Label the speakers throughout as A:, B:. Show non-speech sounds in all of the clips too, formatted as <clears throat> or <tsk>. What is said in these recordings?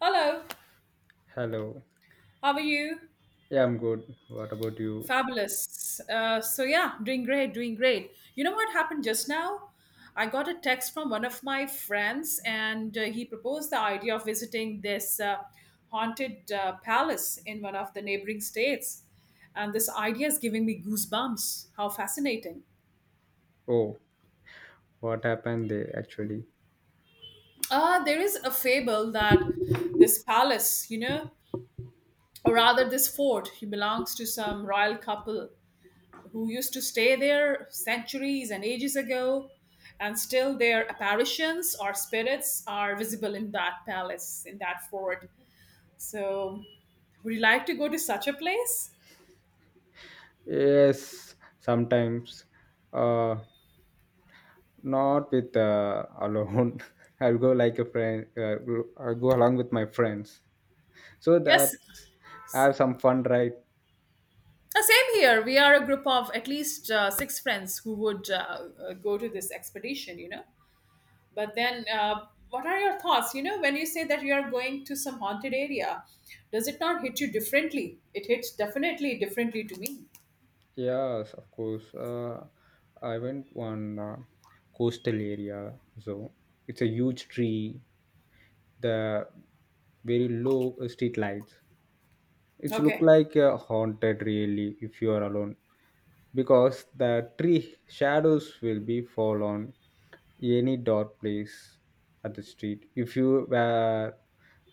A: Hello,
B: Hello.
A: how are you?
B: Yeah, I'm good. What about you?
A: Fabulous. Doing great, doing great. You know what happened just now? I got a text from one of my friends, and he proposed the idea of visiting this haunted palace in one of the neighboring states. And this idea is giving me goosebumps. How fascinating.
B: Oh, what happened there actually?
A: There is a fable that this palace, you know, or rather this fort, he belongs to some royal couple who used to stay there centuries and ages ago, and still their apparitions or spirits are visible in that palace, in that fort. So, would you like to go to such a place?
B: Yes, sometimes. Uh, Not with <laughs> alone. I'll go like a friend. I'll go along with my friends. So
A: Yes.
B: that's I have some fun, right?
A: Same here. We are a group of at least 6 friends who would go to this expedition, but then, what are your thoughts? You know, when you say that you are going to some haunted area, does it not hit you differently? It hits definitely differently to me.
B: Yes, of course. I went one coastal area. So it's a huge tree. The very low street lights. It's look
A: Okay.
B: like a haunted really if you are alone because the tree shadows will be fall on any dark place at the street. If you wear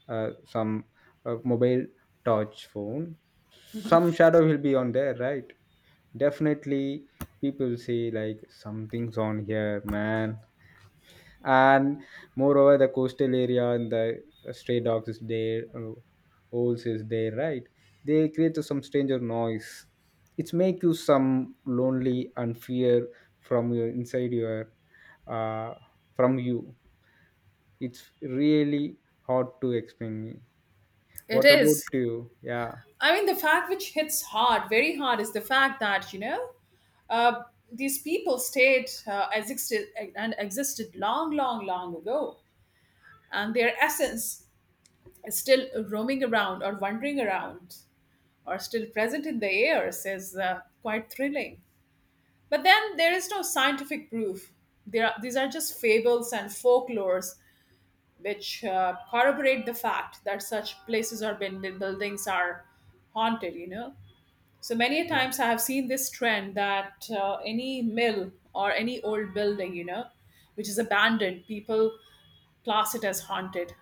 B: some mobile touch phone, some shadow will be on there, right? Definitely, people say like something's on here, man, and moreover the coastal area and the stray dogs is there, owls is there, right? They create some stranger noise. It's make you some lonely and fear from your inside your uh, from you it's really hard to explain.
A: It
B: What about
A: is.
B: you? Yeah.
A: I mean, the fact which hits hard, very hard, is the fact that, you know, uh, these people stayed, existed and existed long, long, long ago, and their essence is still roaming around or wandering around or still present in the airs is quite thrilling. But then there is no scientific proof. There are, these are just fables and folklores which corroborate the fact that such places or buildings are haunted. You know, so many a times I have seen this trend that any mill or any old building, you know, which is abandoned, people class it as haunted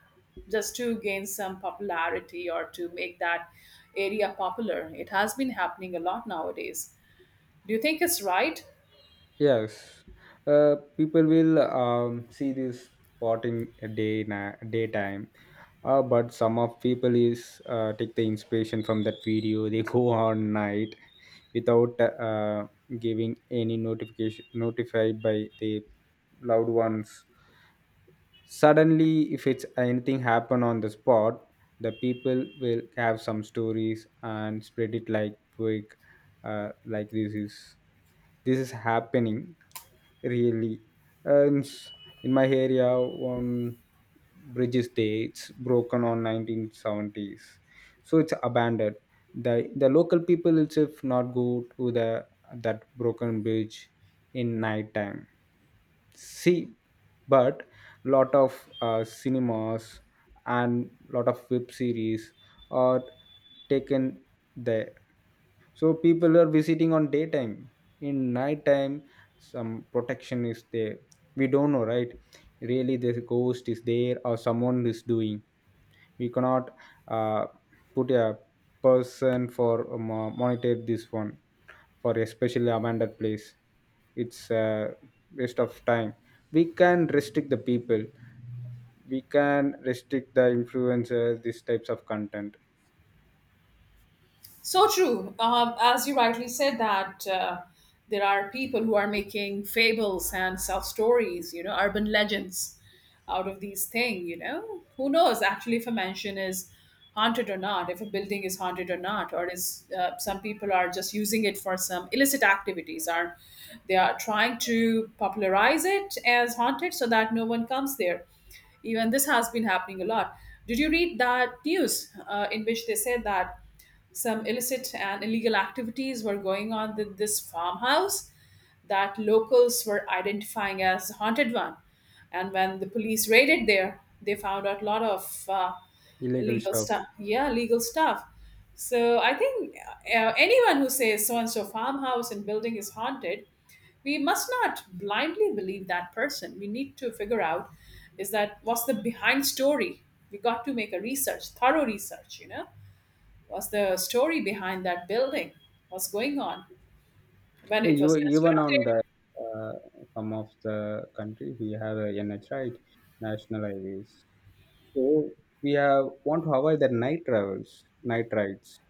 A: just to gain some popularity or to make that area popular. It has been happening a lot nowadays. Do you think it's right?
B: Yes, people will see this spotting daytime, but some of people is take the inspiration from that video. They go <laughs> on night without giving any notification notified by the loved ones. Suddenly if it's anything happen on the spot, the people will have some stories and spread it like quick, like this is happening really. and s- in my area, one bridge is there, it's broken on 1970s, so it's abandoned. The local people itself not go to the that broken bridge in night time. See, but lot of cinemas and lot of web series are taken there, so people are visiting on daytime. In nighttime, some protection is there, we don't know, right? Really the ghost is there or someone is doing, we cannot uh, put a person for monitor this one for especially abandoned place. It's a waste of time. We can restrict the people, we can restrict the influencers these types of content.
A: So true. As you rightly said, that there are people who are making fables and self stories, you know, urban legends out of these things, you know. Who knows actually if a mansion is haunted or not, if a building is haunted or not, or is some people are just using it for some illicit activities, or they are trying to popularize it as haunted so that no one comes there, even this has been happening a lot. Did you read that news in which they said that some illicit and illegal activities were going on with this farmhouse that locals were identifying as the haunted one? And when the police raided there, they found out a lot of
B: Illegal
A: illegal
B: stuff.
A: stuff. Yeah, legal stuff. So I think anyone who says so and so farmhouse and building is haunted, we must not blindly believe that person. We need to figure out is that what's the behind story. We got to make a research, thorough research. You know. What's the story behind that building? What's going on when
B: Yeah,
A: it was
B: you even on
A: constructed?
B: the uh, some of the country we have a NH, right? National highways. So we have want to avoid the night travels, night rides.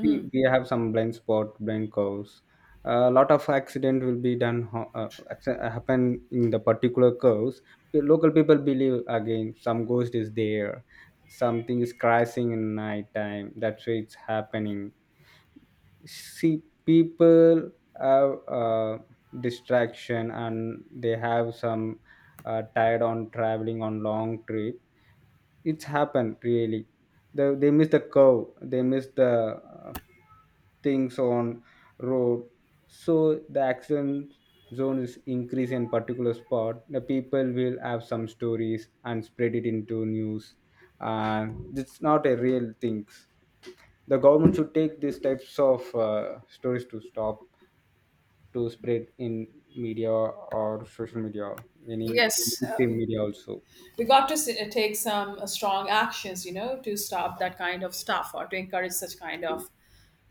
B: See, we have some blind spot, blind curves. A lot of accident will be happen in the particular curves. The local people believe again some ghost is there, something is crashing in night time. That's why it's happening. See, people have distraction and they have some tired on traveling on long trip. It's happened really. They miss the curve, they miss the uh, things on road, so the accident zone is increased in particular spot. The people will have some stories and spread it into news, and it's not a real things. The government should take these types of stories to stop to spread in media or social media, any
A: Yes,
B: mainstream media also.
A: we got to take some strong actions, you know, to stop that kind of stuff or to encourage such kind of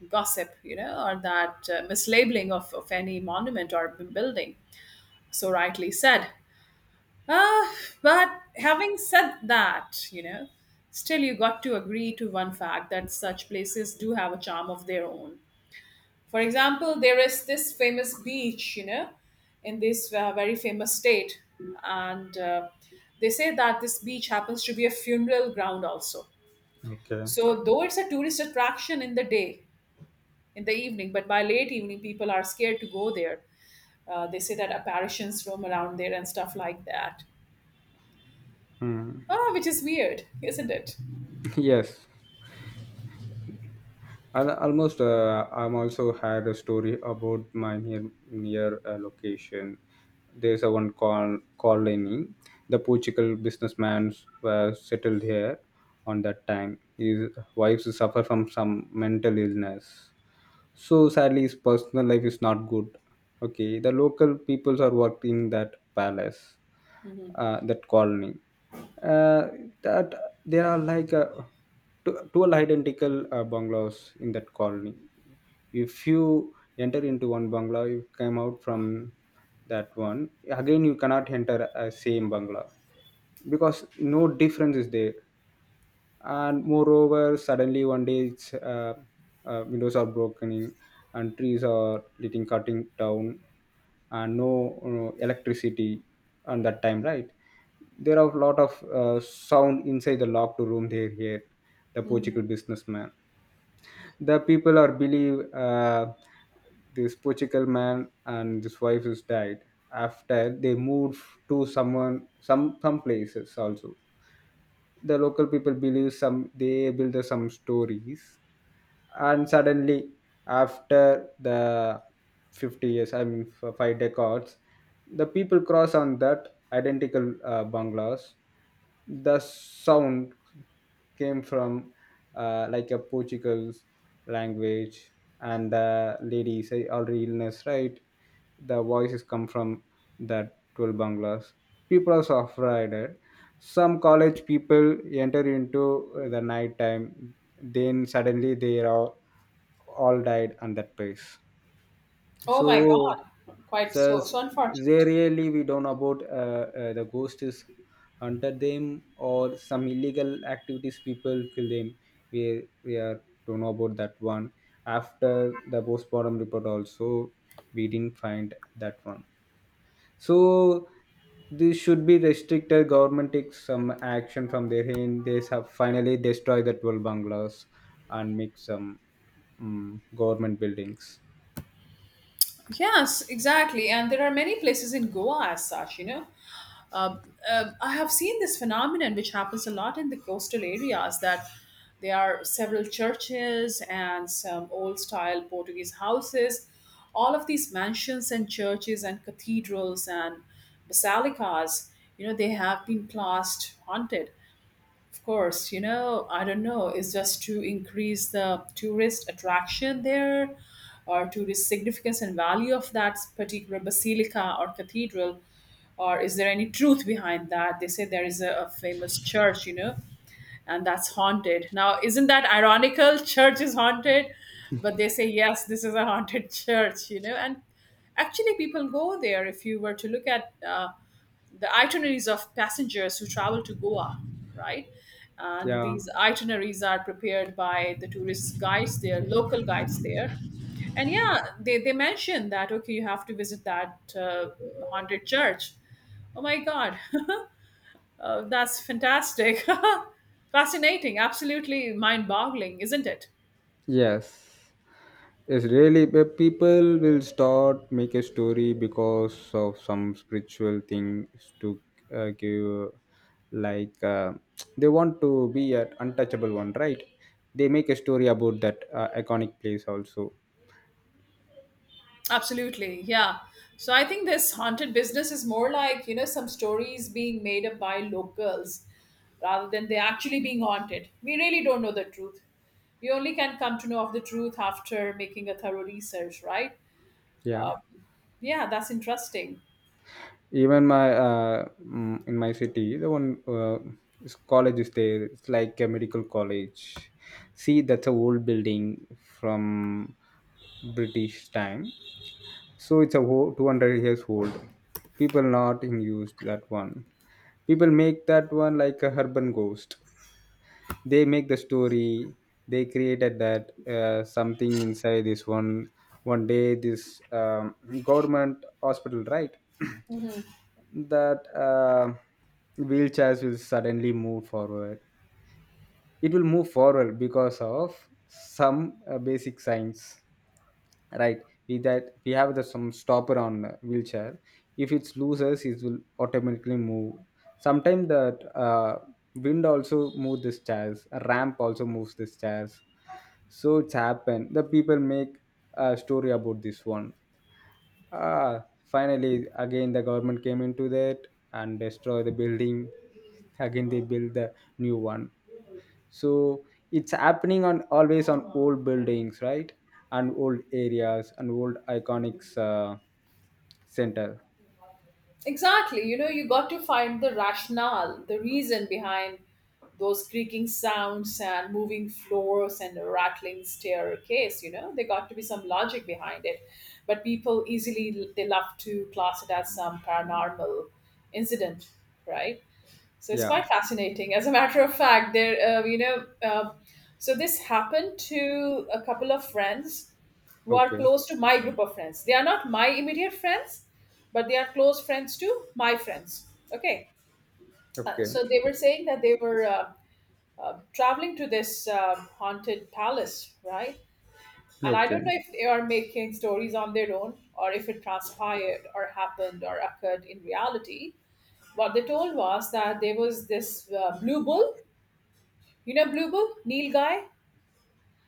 A: gossip, you know, or that mislabeling of any monument or building. So rightly said. Uh, but having said that, you know, still you got to agree to one fact that such places do have a charm of their own. For example, there is this famous beach, you know, in this very famous state, and they say that this beach happens to be a funeral ground also.
B: Okay.
A: So, though it's a tourist attraction in the day, in the evening, but by late evening, people are scared to go there. They say that apparitions roam around there and stuff like that.
B: Hmm.
A: Ah, which is weird, isn't it?
B: Yes. Almost I'm also had a story about my near, near location. There's a one called colony. The portugal businessman were settled here. On that time, his wives suffer from some mental illness, so sadly his personal life is not good. Okay, the local peoples are working in that palace,
A: Hmm.
B: that colony. Uh, that There are like two identical bungalows in that colony. If you enter into one bungalow, you come out from that one. Again, you cannot enter a same bungalow because no difference is there. And moreover, suddenly one day it's windows are broken in, and trees are getting cutting down, and no, you know, electricity on that time, right? There are a lot of sound inside the locked room they hear. The portugal businessman, the people are believe, this portugal man and his wife is died after they moved to someone some places also. The local people believe some, they build the some stories. And suddenly after the 50 years, I mean five decades, the people cross on that identical bungalows. The sound came from like a portuguese language, and the lady say already illness, right? The voices come from that 12 bungalows. People are so afraid, eh? Some college people enter into the night time, then suddenly they are all died on that place.
A: Oh
B: So
A: my God, quite so
B: says
A: so
B: they
A: unfortunate.
B: really we don't know about the ghost is hunted them or some illegal activities people kill them. We are don't know about that one. After the postmortem report also, we didn't find that one. So this should be restricted. Government takes some action from their end. They have finally destroy the 12 bungalows and make some, mm, government buildings.
A: Yes, exactly. And there are many places in Goa as such, you know. Uh, I have seen this phenomenon, which happens a lot in the coastal areas, that there are several churches and some old style Portuguese houses. All of these mansions and churches and cathedrals and basilicas, you know, they have been classed haunted. Of course, you know, I don't know, is just to increase the tourist attraction there or tourist significance and value of that particular basilica or cathedral? Or is there any truth behind that? They say there is a famous church, you know, and that's haunted. Now, isn't that ironical? <laughs> Church is haunted, but they say, yes, this is a haunted <laughs> church, you know, and actually people go there. If you were to look at the itineraries of passengers who travel to Goa, right? And
B: Yeah.
A: these itineraries are prepared by the tourist guides there, local guides there. And yeah, they mention that, okay, you have to visit that haunted church. Oh my God. <laughs> That's fantastic. <laughs> Fascinating. Absolutely mind boggling, isn't it?
B: Yes, it's really, but people will start make a story because of some spiritual things to give, like, <tsk> they want to be an untouchable one, right? They make a story about that iconic place also.
A: Absolutely. Yeah. So I think this haunted business is more like, you know, some stories being made up by locals rather than they actually being haunted. We really don't know the truth. We only can come to know of the truth after making a thorough research, right?
B: Yeah.
A: Yeah, that's interesting.
B: Even my in my city, the one is college is there. It's like a medical college. See, that's a old building from British time. So it's a whole 200 years old. People not in use that one. People make that one like a urban ghost. They make the story. They created that something inside this one. One day, this, government hospital, right? <clears throat> That wheelchairs will suddenly move forward. It will move forward because of some basic science, right? We that we have the some stopper on the wheelchair. If it's loses, it will automatically move. Sometimes that wind also moves this chairs, a ramp also moves this chairs. So it's happened, the people make a story about this one. Ah, finally again the government came into that and destroy the building. Again, they build the new one. So it's happening on always on old buildings, right? And old areas and old iconics center.
A: Exactly. You know, you got to find the rationale, the reason behind those creaking sounds and moving floors and a rattling staircase. You know, there got to be some logic behind it. But people easily, they love to class it as some paranormal incident, right? So it's
B: Yeah.
A: quite fascinating. As a matter of fact, there, so this happened to a couple of friends who are
B: Okay.
A: close to my group of friends. They are not my immediate friends, but they are close friends to my friends. Okay.
B: Okay.
A: So they were saying that they were traveling to this haunted palace, right? And I don't know
B: Okay.
A: if they are making stories on their own or if it transpired or happened or occurred in reality. What they told was that there was this blue bull, you know, blue bull, Neil guy.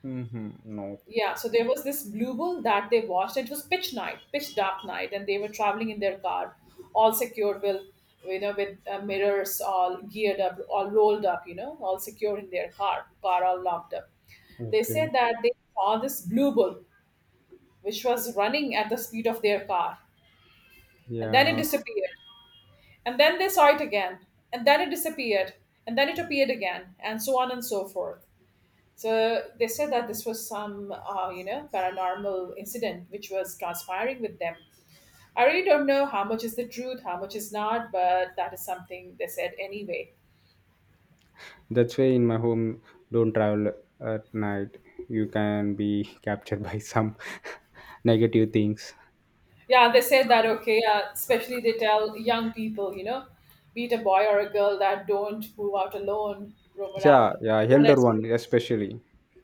B: Mm-hmm. No.
A: Yeah, so there was this blue bull that they watched. It was pitch night, pitch dark night, and they were traveling in their car, all secured with, you know, with mirrors all geared up, all rolled up, you know, all secured in their car, car all locked up. They
B: Okay.
A: said that they saw this blue bull, which was running at the speed of their car, and then it
B: Yeah.
A: disappeared. And then they saw it again, and then it disappeared, and then it appeared again, and so on and so forth. So they said that this was some, you know, paranormal incident which was transpiring with them. I really don't know how much is the truth, how much is not, but that is something they said anyway.
B: That's why in my home, don't travel at night. You can be <laughs> captured by some <laughs> negative things.
A: Yeah, they said that, okay, especially they tell young people, you know, be it a boy or a girl, that don't move out alone, roam
B: Yeah,
A: around
B: yeah,
A: alone at
B: elder one
A: streets.
B: especially.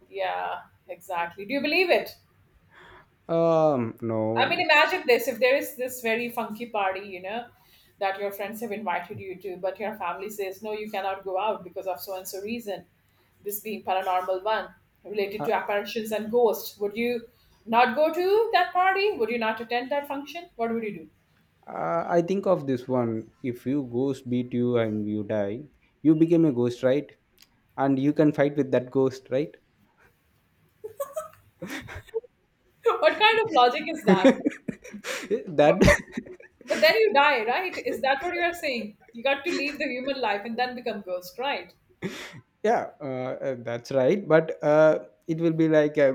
A: Yeah, exactly. Do you believe it? I
B: No,
A: mean, imagine this, if there is this very funky party, you know, that your friends have invited you to, but your family says, no, you cannot go out because of so and so reason, this being paranormal one related
B: I,
A: to apparitions and ghosts. Would you not go to that party? Would you not attend that function? What would you do?
B: I think of this one. If you ghost beat you and you die, you became a ghost, right? And you can fight with that ghost, right?
A: <laughs> What kind of logic is that?
B: <laughs>
A: But,
B: That
A: but, but then you die, right? Is that what you are saying? You got to leave the
B: <laughs>
A: human life and then become ghost, right?
B: <laughs> Yeah, that's right, but it will be like a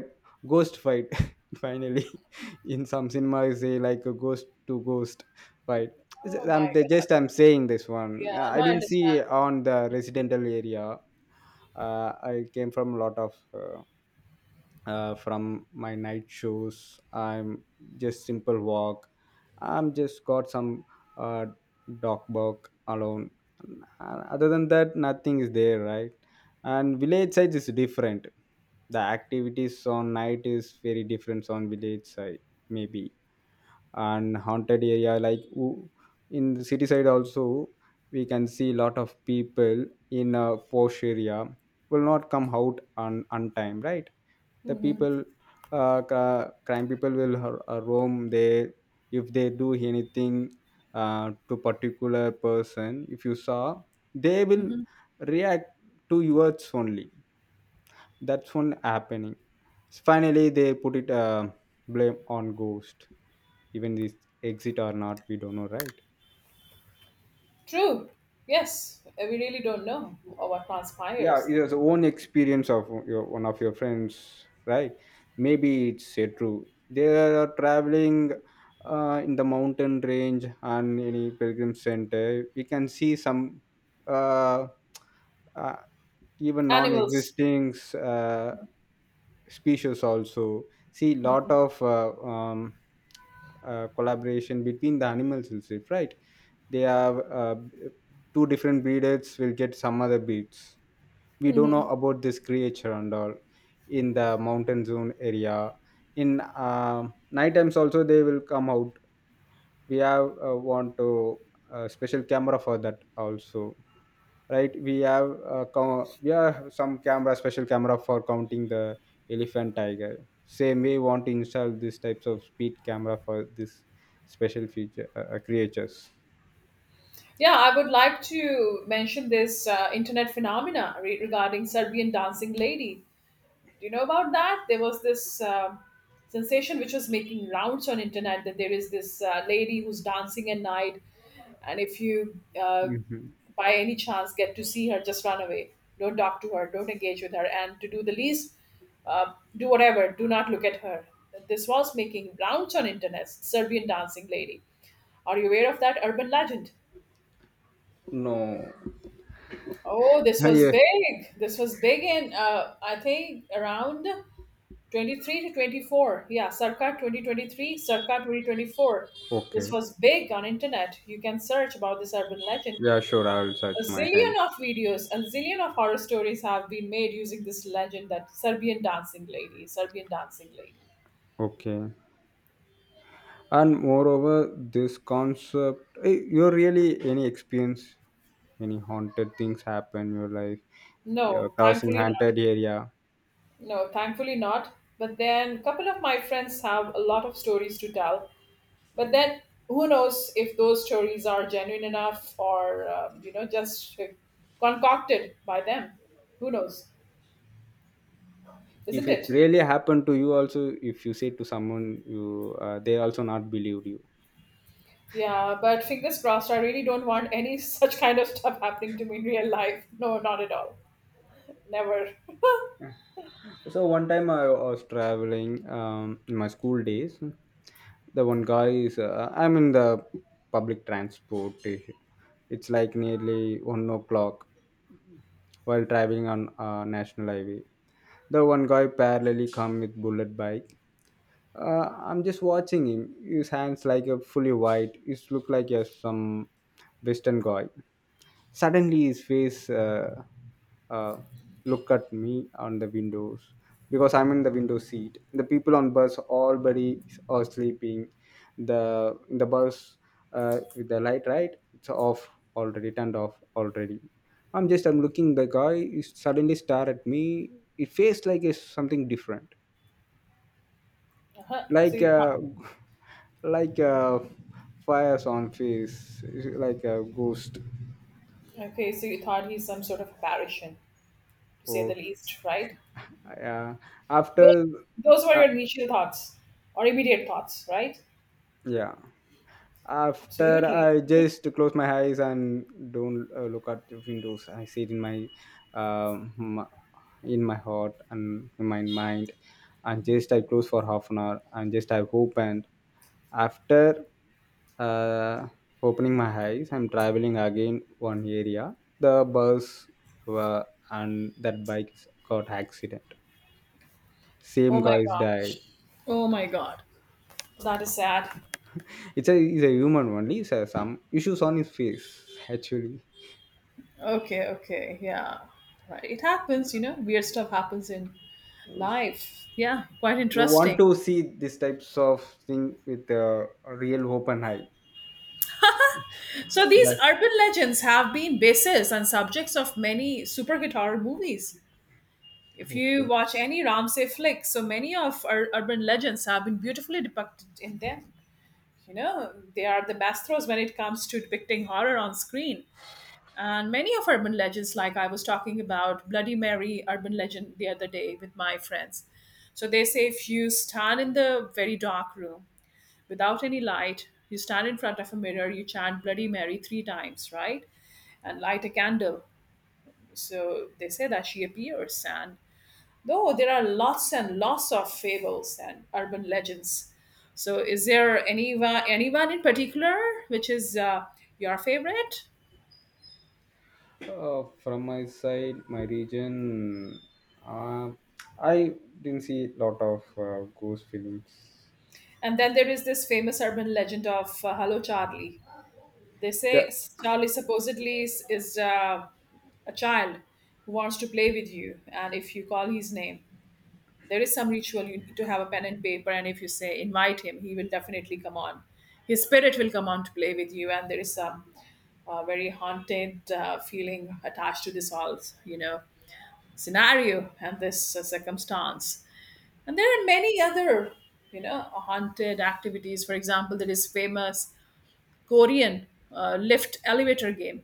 B: ghost fight. <laughs> Finally <laughs> in some cinema say like a ghost to ghost fight.
A: Oh
B: Is-
A: my
B: I'm they
A: God.
B: just I'm saying this one.
A: Yeah, no,
B: I
A: I
B: didn't see
A: understand.
B: on the residential area. I came from a lot of from my night shows. I'm just simple walk. I'm just got some uh, dog bark alone. Other than that, nothing is there, right? And village side is different. The activities on night is very different on village side, maybe. And haunted area like in the city side also we can see lot of people. In a posh area will not come out on time, right? The
A: Mhm.
B: people crime people will roam there. If they do anything to particular person, if you saw, they will react to your words only. That's one happening. Finally they put it, blame on ghost. Even this exit or not, we don't know, right?
A: True. Yes, we really don't know what
B: Yeah,
A: transpires.
B: it is own experience of your one of your friends, right? Maybe it's true. They are traveling in the mountain range and any pilgrim center. We can see some uh, uh, even
A: Animals.
B: non-existing uh, species also. See, lot of collaboration between the animals itself, right? They have two different breeders will get some other breeds. We don't know
A: Hmm.
B: about this creature and all. In the mountain zone area, in uh, night times also they will come out. We have want to special camera for that also, right? We have we have some camera special camera for counting the elephant tiger. Same, we want to install these types of speed camera for this special feature creatures.
A: Yeah, I would like to mention this internet regarding Serbian dancing lady. Do you know about that? There was this sensation which was making rounds on internet that there is this lady who's dancing at night, and if you uh,
B: Mhm.
A: by any chance get to see her, just run away. Don't talk to her. Don't engage with her. And to do the least, do whatever. Do not look at her. This was making rounds on internet. Serbian dancing lady. Are you aware of that urban legend?
B: No.
A: Oh, this
B: Ah,
A: was
B: yeah.
A: big. This was big in, I think, around 23 to 24, yeah, sarkar 2023, sarkar 2024. This
B: Okay.
A: was big on internet. You can search about this urban legend.
B: Yeah, sure, I'll
A: A
B: search my
A: zillion
B: hand.
A: of videos, a zillion of horror stories have been made using this legend that serbian dancing lady, serbian dancing lady.
B: Okay, and moreover this concept, eh, you really any experience, any haunted things happen in your life? You're
A: No,
B: crossing
A: thankfully not.
B: haunted area?
A: No, thankfully not. But then a couple of my friends have a lot of stories to tell. But then who knows if those stories are genuine enough or, you know, just concocted by them. Who knows,
B: If
A: isn't
B: it's
A: it?
B: really happened to you also, if you say to someone, you they also not believed you.
A: Yeah, but fingers crossed, I really don't want any <laughs> such kind of stuff happening to me in real life. No, not at all. Never. <laughs>
B: So one time I was traveling, in my school days. The one guy is I'm in the public transport. It's like nearly 1 o'clock while traveling on national highway. The one guy parallelly come with bullet bike. I'm just watching him. His hands like a fully white. He look like a some western guy. Suddenly, his face uh, look at me on the windows because I'm in the window seat. The people on bus, all buddies are sleeping. The in the bus with the light, right? It's off already, turned off already. I'm looking. The guy is suddenly stare at me. It face like it's something different,
A: Uh-huh. So
B: like
A: you
B: uh, <laughs> like uh, fires on face, like a ghost
A: thought, okay, so you thought he's some sort of a parishion, to say the
B: or
A: least, right?
B: yeah.
A: Those,
B: After,
A: those were
B: uh,
A: your initial thoughts or immediate thoughts, right?
B: yeah. After
A: Absolutely.
B: I just close my eyes and don't look at the windows. I see it in my, um, m- in my heart and in my mind, and just I close for half an hour and just I opened. After uh, opening my eyes, I'm traveling again one area. The were, and that bike got accident.
A: Oh
B: Same
A: my
B: guys died.
A: gosh. Oh my God. That is sad.
B: It's a he's a human only. So some issues on his face actually.
A: Okay, okay, yeah. Right. It happens, you know, weird stuff happens in life. Yeah, quite
B: You want
A: interesting.
B: to see this types of thing with a real open eye.
A: So these
B: That
A: urban legends have been bases and subjects of many superhit horror movies. If you
B: okay.
A: watch any Ramsey flick, so many of our urban legends have been beautifully depicted in them. You know, they are the masters when it comes to depicting horror on screen. And many of urban legends, like I was talking about Bloody Mary urban legend the other day with my friends. So they say if you stand in the very dark room without any light, you stand in front of a mirror, you chant Bloody Mary three times, right? And light a candle. So they say that she appears. And though there are lots and lots of fables and urban legends, so is there anyone in particular which is your favorite?
B: From my side, my region, uh, I didn't see a lot of ghost films.
A: And then there is this famous urban legend of Hello Charlie. They say
B: Yeah.
A: Charlie supposedly is a child who wants to play with you, and if you call his name, there is some ritual you need to have a pen and paper, and if you say invite him, he will definitely come on. His spirit will come on to play with you, and there is some very haunted feeling attached to this whole, you know, scenario and this circumstance. And there are many other, you know, haunted activities. For example, there is famous Korean lift elevator game.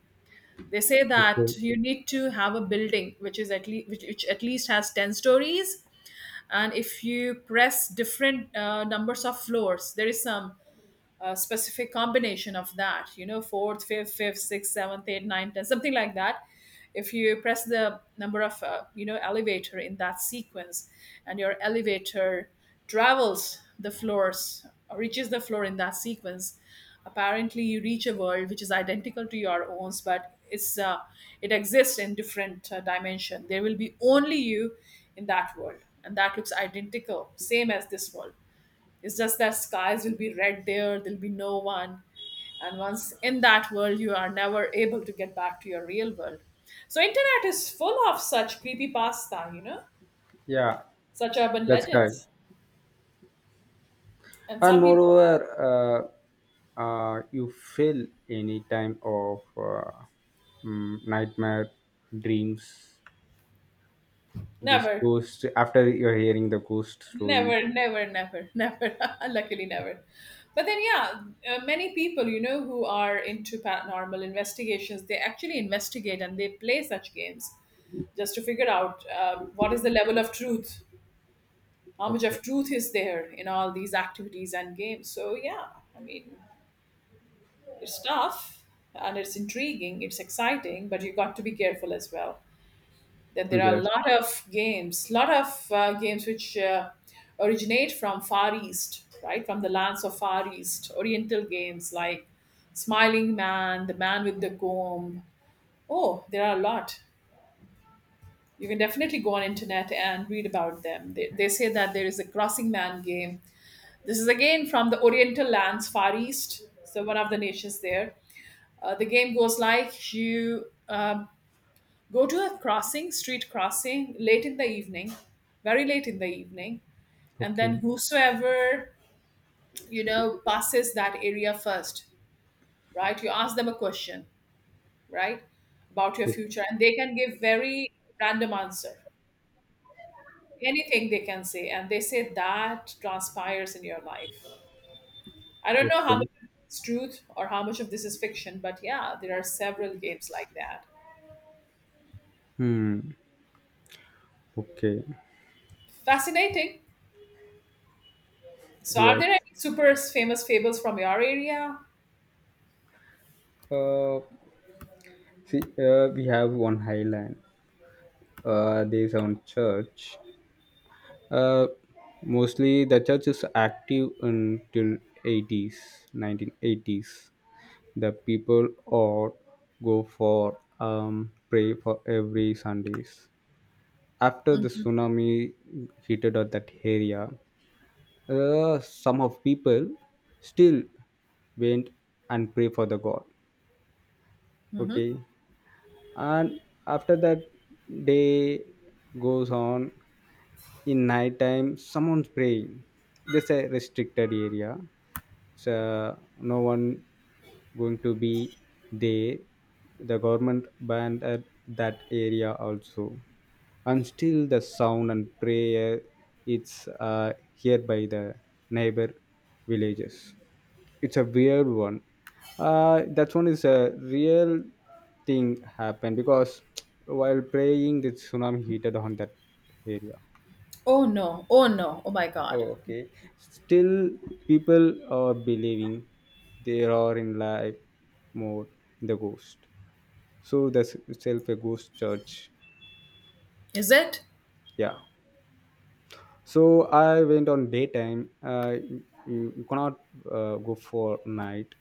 A: They say
B: Okay.
A: that you need to have a building which is at least which at least has 10 stories, and if you press different numbers of floors, there is some a specific combination of that, you know, fourth, fifth, fifth, sixth, seventh, eighth, ninth, tenth, something like that. If you press the number of you know elevator in that sequence and your elevator travels the floors, reaches the floor in that sequence, apparently you reach a world which is identical to your own, but it's it exists in different dimension. There will be only you in that world, and that looks identical same as this world. It's just that skies will be red there, there'll be no one. And once in that world, you are never able to get back to your real world. So internet is full of such creepy pasta, you know,
B: Yeah,
A: such urban
B: that's correct.
A: legends. And
B: And
A: some people
B: moreover, you feel any time of nightmare dreams. This
A: never,
B: ghost, after you're hearing the ghost stories.
A: never, never, never, <laughs> never, luckily never. But then, yeah, many people, you know, who are into paranormal investigations, they actually investigate and they play such games just to figure out what is the level of truth, how much
B: Okay.
A: of truth is there in all these activities and games. So yeah, I mean, it's tough, and it's intriguing, it's exciting, but you got to be careful as well, that there are a
B: Yes.
A: lot of games, lot of games which originate from far east, right, from the lands of far east oriental games like smiling man, the man with the comb. Oh, there are a lot. You can definitely go on internet and read about them. They say that there is a crossing man game. This is again from the Oriental lands, Far East. So one of the nations there. The game goes like you go to a crossing, street crossing, late in the evening, very late in the evening, and
B: Okay.
A: then whosoever, you know, passes that area first, right? You ask them a question, right, about your
B: Okay.
A: future, and they can give very random answer, anything they can say, and they say that transpires in your life. I don't know how much
B: Okay.
A: of this is truth or how much of this is fiction, but yeah, there are several games like that.
B: Hmm. Okay.
A: Fascinating. So, are
B: Yes.
A: there any super famous fables from your area?
B: Uh, See, we have one highland. There's one church. Uh, mostly the church is active until '80s, 1980s. The people all go for pray for every Sundays. After the tsunami hit at that area, some of people still went and pray for the god.
A: Hmm.
B: Okay, and after that day goes on in night time someone's praying. This is a restricted area, so no one going to be there. The government banned at that area also, and still the sound and prayer, it's heard by the neighbor villages. It's a weird one. That one is a real thing happened because <tsk> while praying the tsunami heated on that area.
A: Oh no, oh no, oh my god.
B: Oh okay. Still people are believing they are in live mode in the ghost, so that's itself a ghost church.
A: Is it?
B: Yeah. So I went on daytime. You cannot go for night.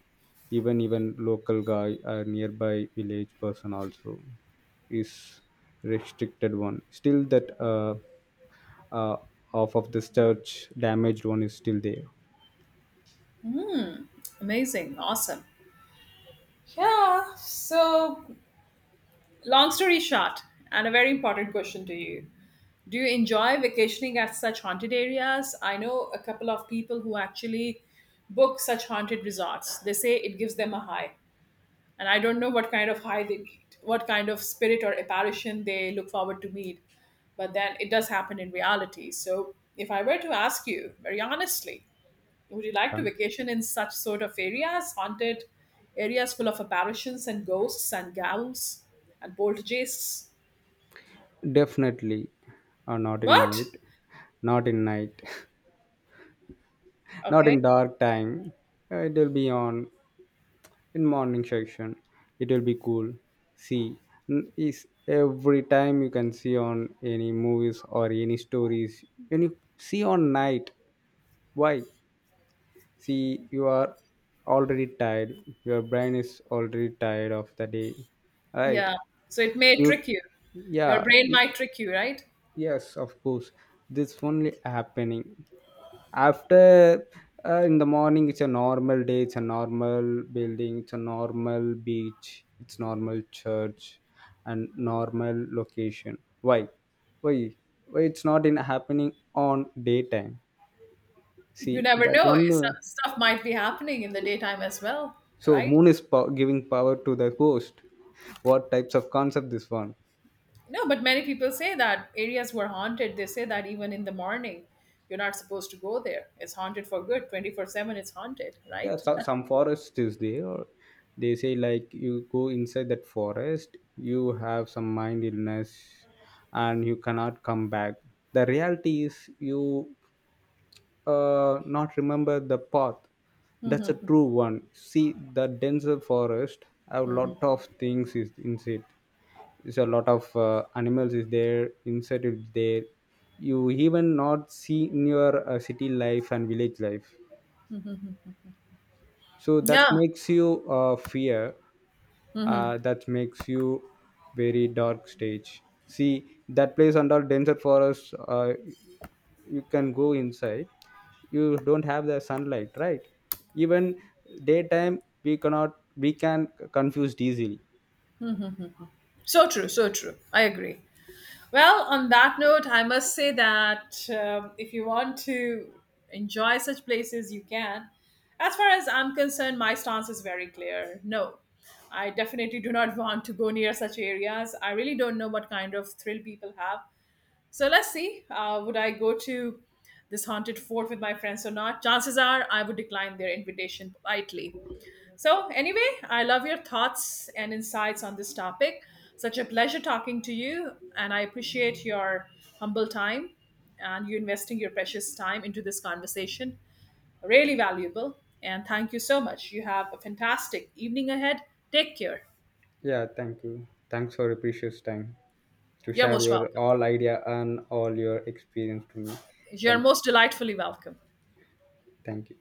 B: Even local guy, nearby village person also is restricted one. Still that uh, half of this church damaged one is still there.
A: Amazing, awesome. Yeah. So, long story short, and a very important question to you. Do you enjoy vacationing at such haunted areas? I know a couple of people who actually book such haunted resorts. They say it gives them a high. And I don't know what kind of high they meet, what kind of spirit or apparition they look forward to meet. But then it does happen in reality. So if I were to ask you very honestly, would you like
B: Yeah.
A: to vacation in such sort of areas, haunted areas full of apparitions and ghosts and ghouls and poltergeists?
B: Definitely, not in
A: What?
B: night. Not in night. <laughs> Not in
A: Okay.
B: dark time. It will be on. In morning section it will be cool. See, is every time you can see on any movies or any stories, when you see on night. Why? See, you are already tired, your brain is already tired of the day, right?
A: Yeah. So it may
B: You,
A: trick you. Your
B: yeah.
A: brain might trick you, right?
B: Yes, of course. This only happening. After in the morning, it's a normal day, it's a normal building, it's a normal beach, it's normal church, and normal location. Why? Why? Why it's not in happening on daytime? See
A: You never
B: that
A: know.
B: one.
A: It's- Stuff might be happening in the daytime as well,
B: So
A: right?
B: moon is giving power to the host. What types of concept this one?
A: No, but many people say that areas were haunted. They say that even in the morning, you're not supposed to go there. It's haunted for good. 24/7, it's haunted,
B: Yeah,
A: right? <laughs>
B: some forest is there. They say like you go inside that forest you have some mind illness and you cannot come back. The reality is you not remember the path. That's a true one. See the denser forest, a lot of things is inside. It's a lot of animals is there, insect is there, you even not see in your city life and village life, so that
A: Yeah,
B: makes you fear, that makes you very dark stage. See that place under denser forest, you can go inside, you don't have the sunlight, right? Even daytime we cannot, we can confuse easily.
A: so true, so true. I agree. Well, on that note, I must say that if you want to enjoy such places, you can. As far as I'm concerned, my stance is very clear. No, I definitely do not <laughs> want to go near such areas. I really don't know what kind of thrill people have. So let's see. Would I go to this haunted fort with my friends or not? Chances are I would decline their invitation politely. So, anyway, I love your thoughts and insights on this topic. Such a pleasure talking to you, and I appreciate your humble time and you investing your precious time into this conversation. Really valuable. And thank you so much. You have a fantastic evening ahead. Take care.
B: Yeah, thank you. Thanks for your precious time to
A: You're
B: share
A: most
B: your
A: welcome.
B: all idea and all your experience to me.
A: You're
B: Thank you.
A: most delightfully welcome.
B: Thank you.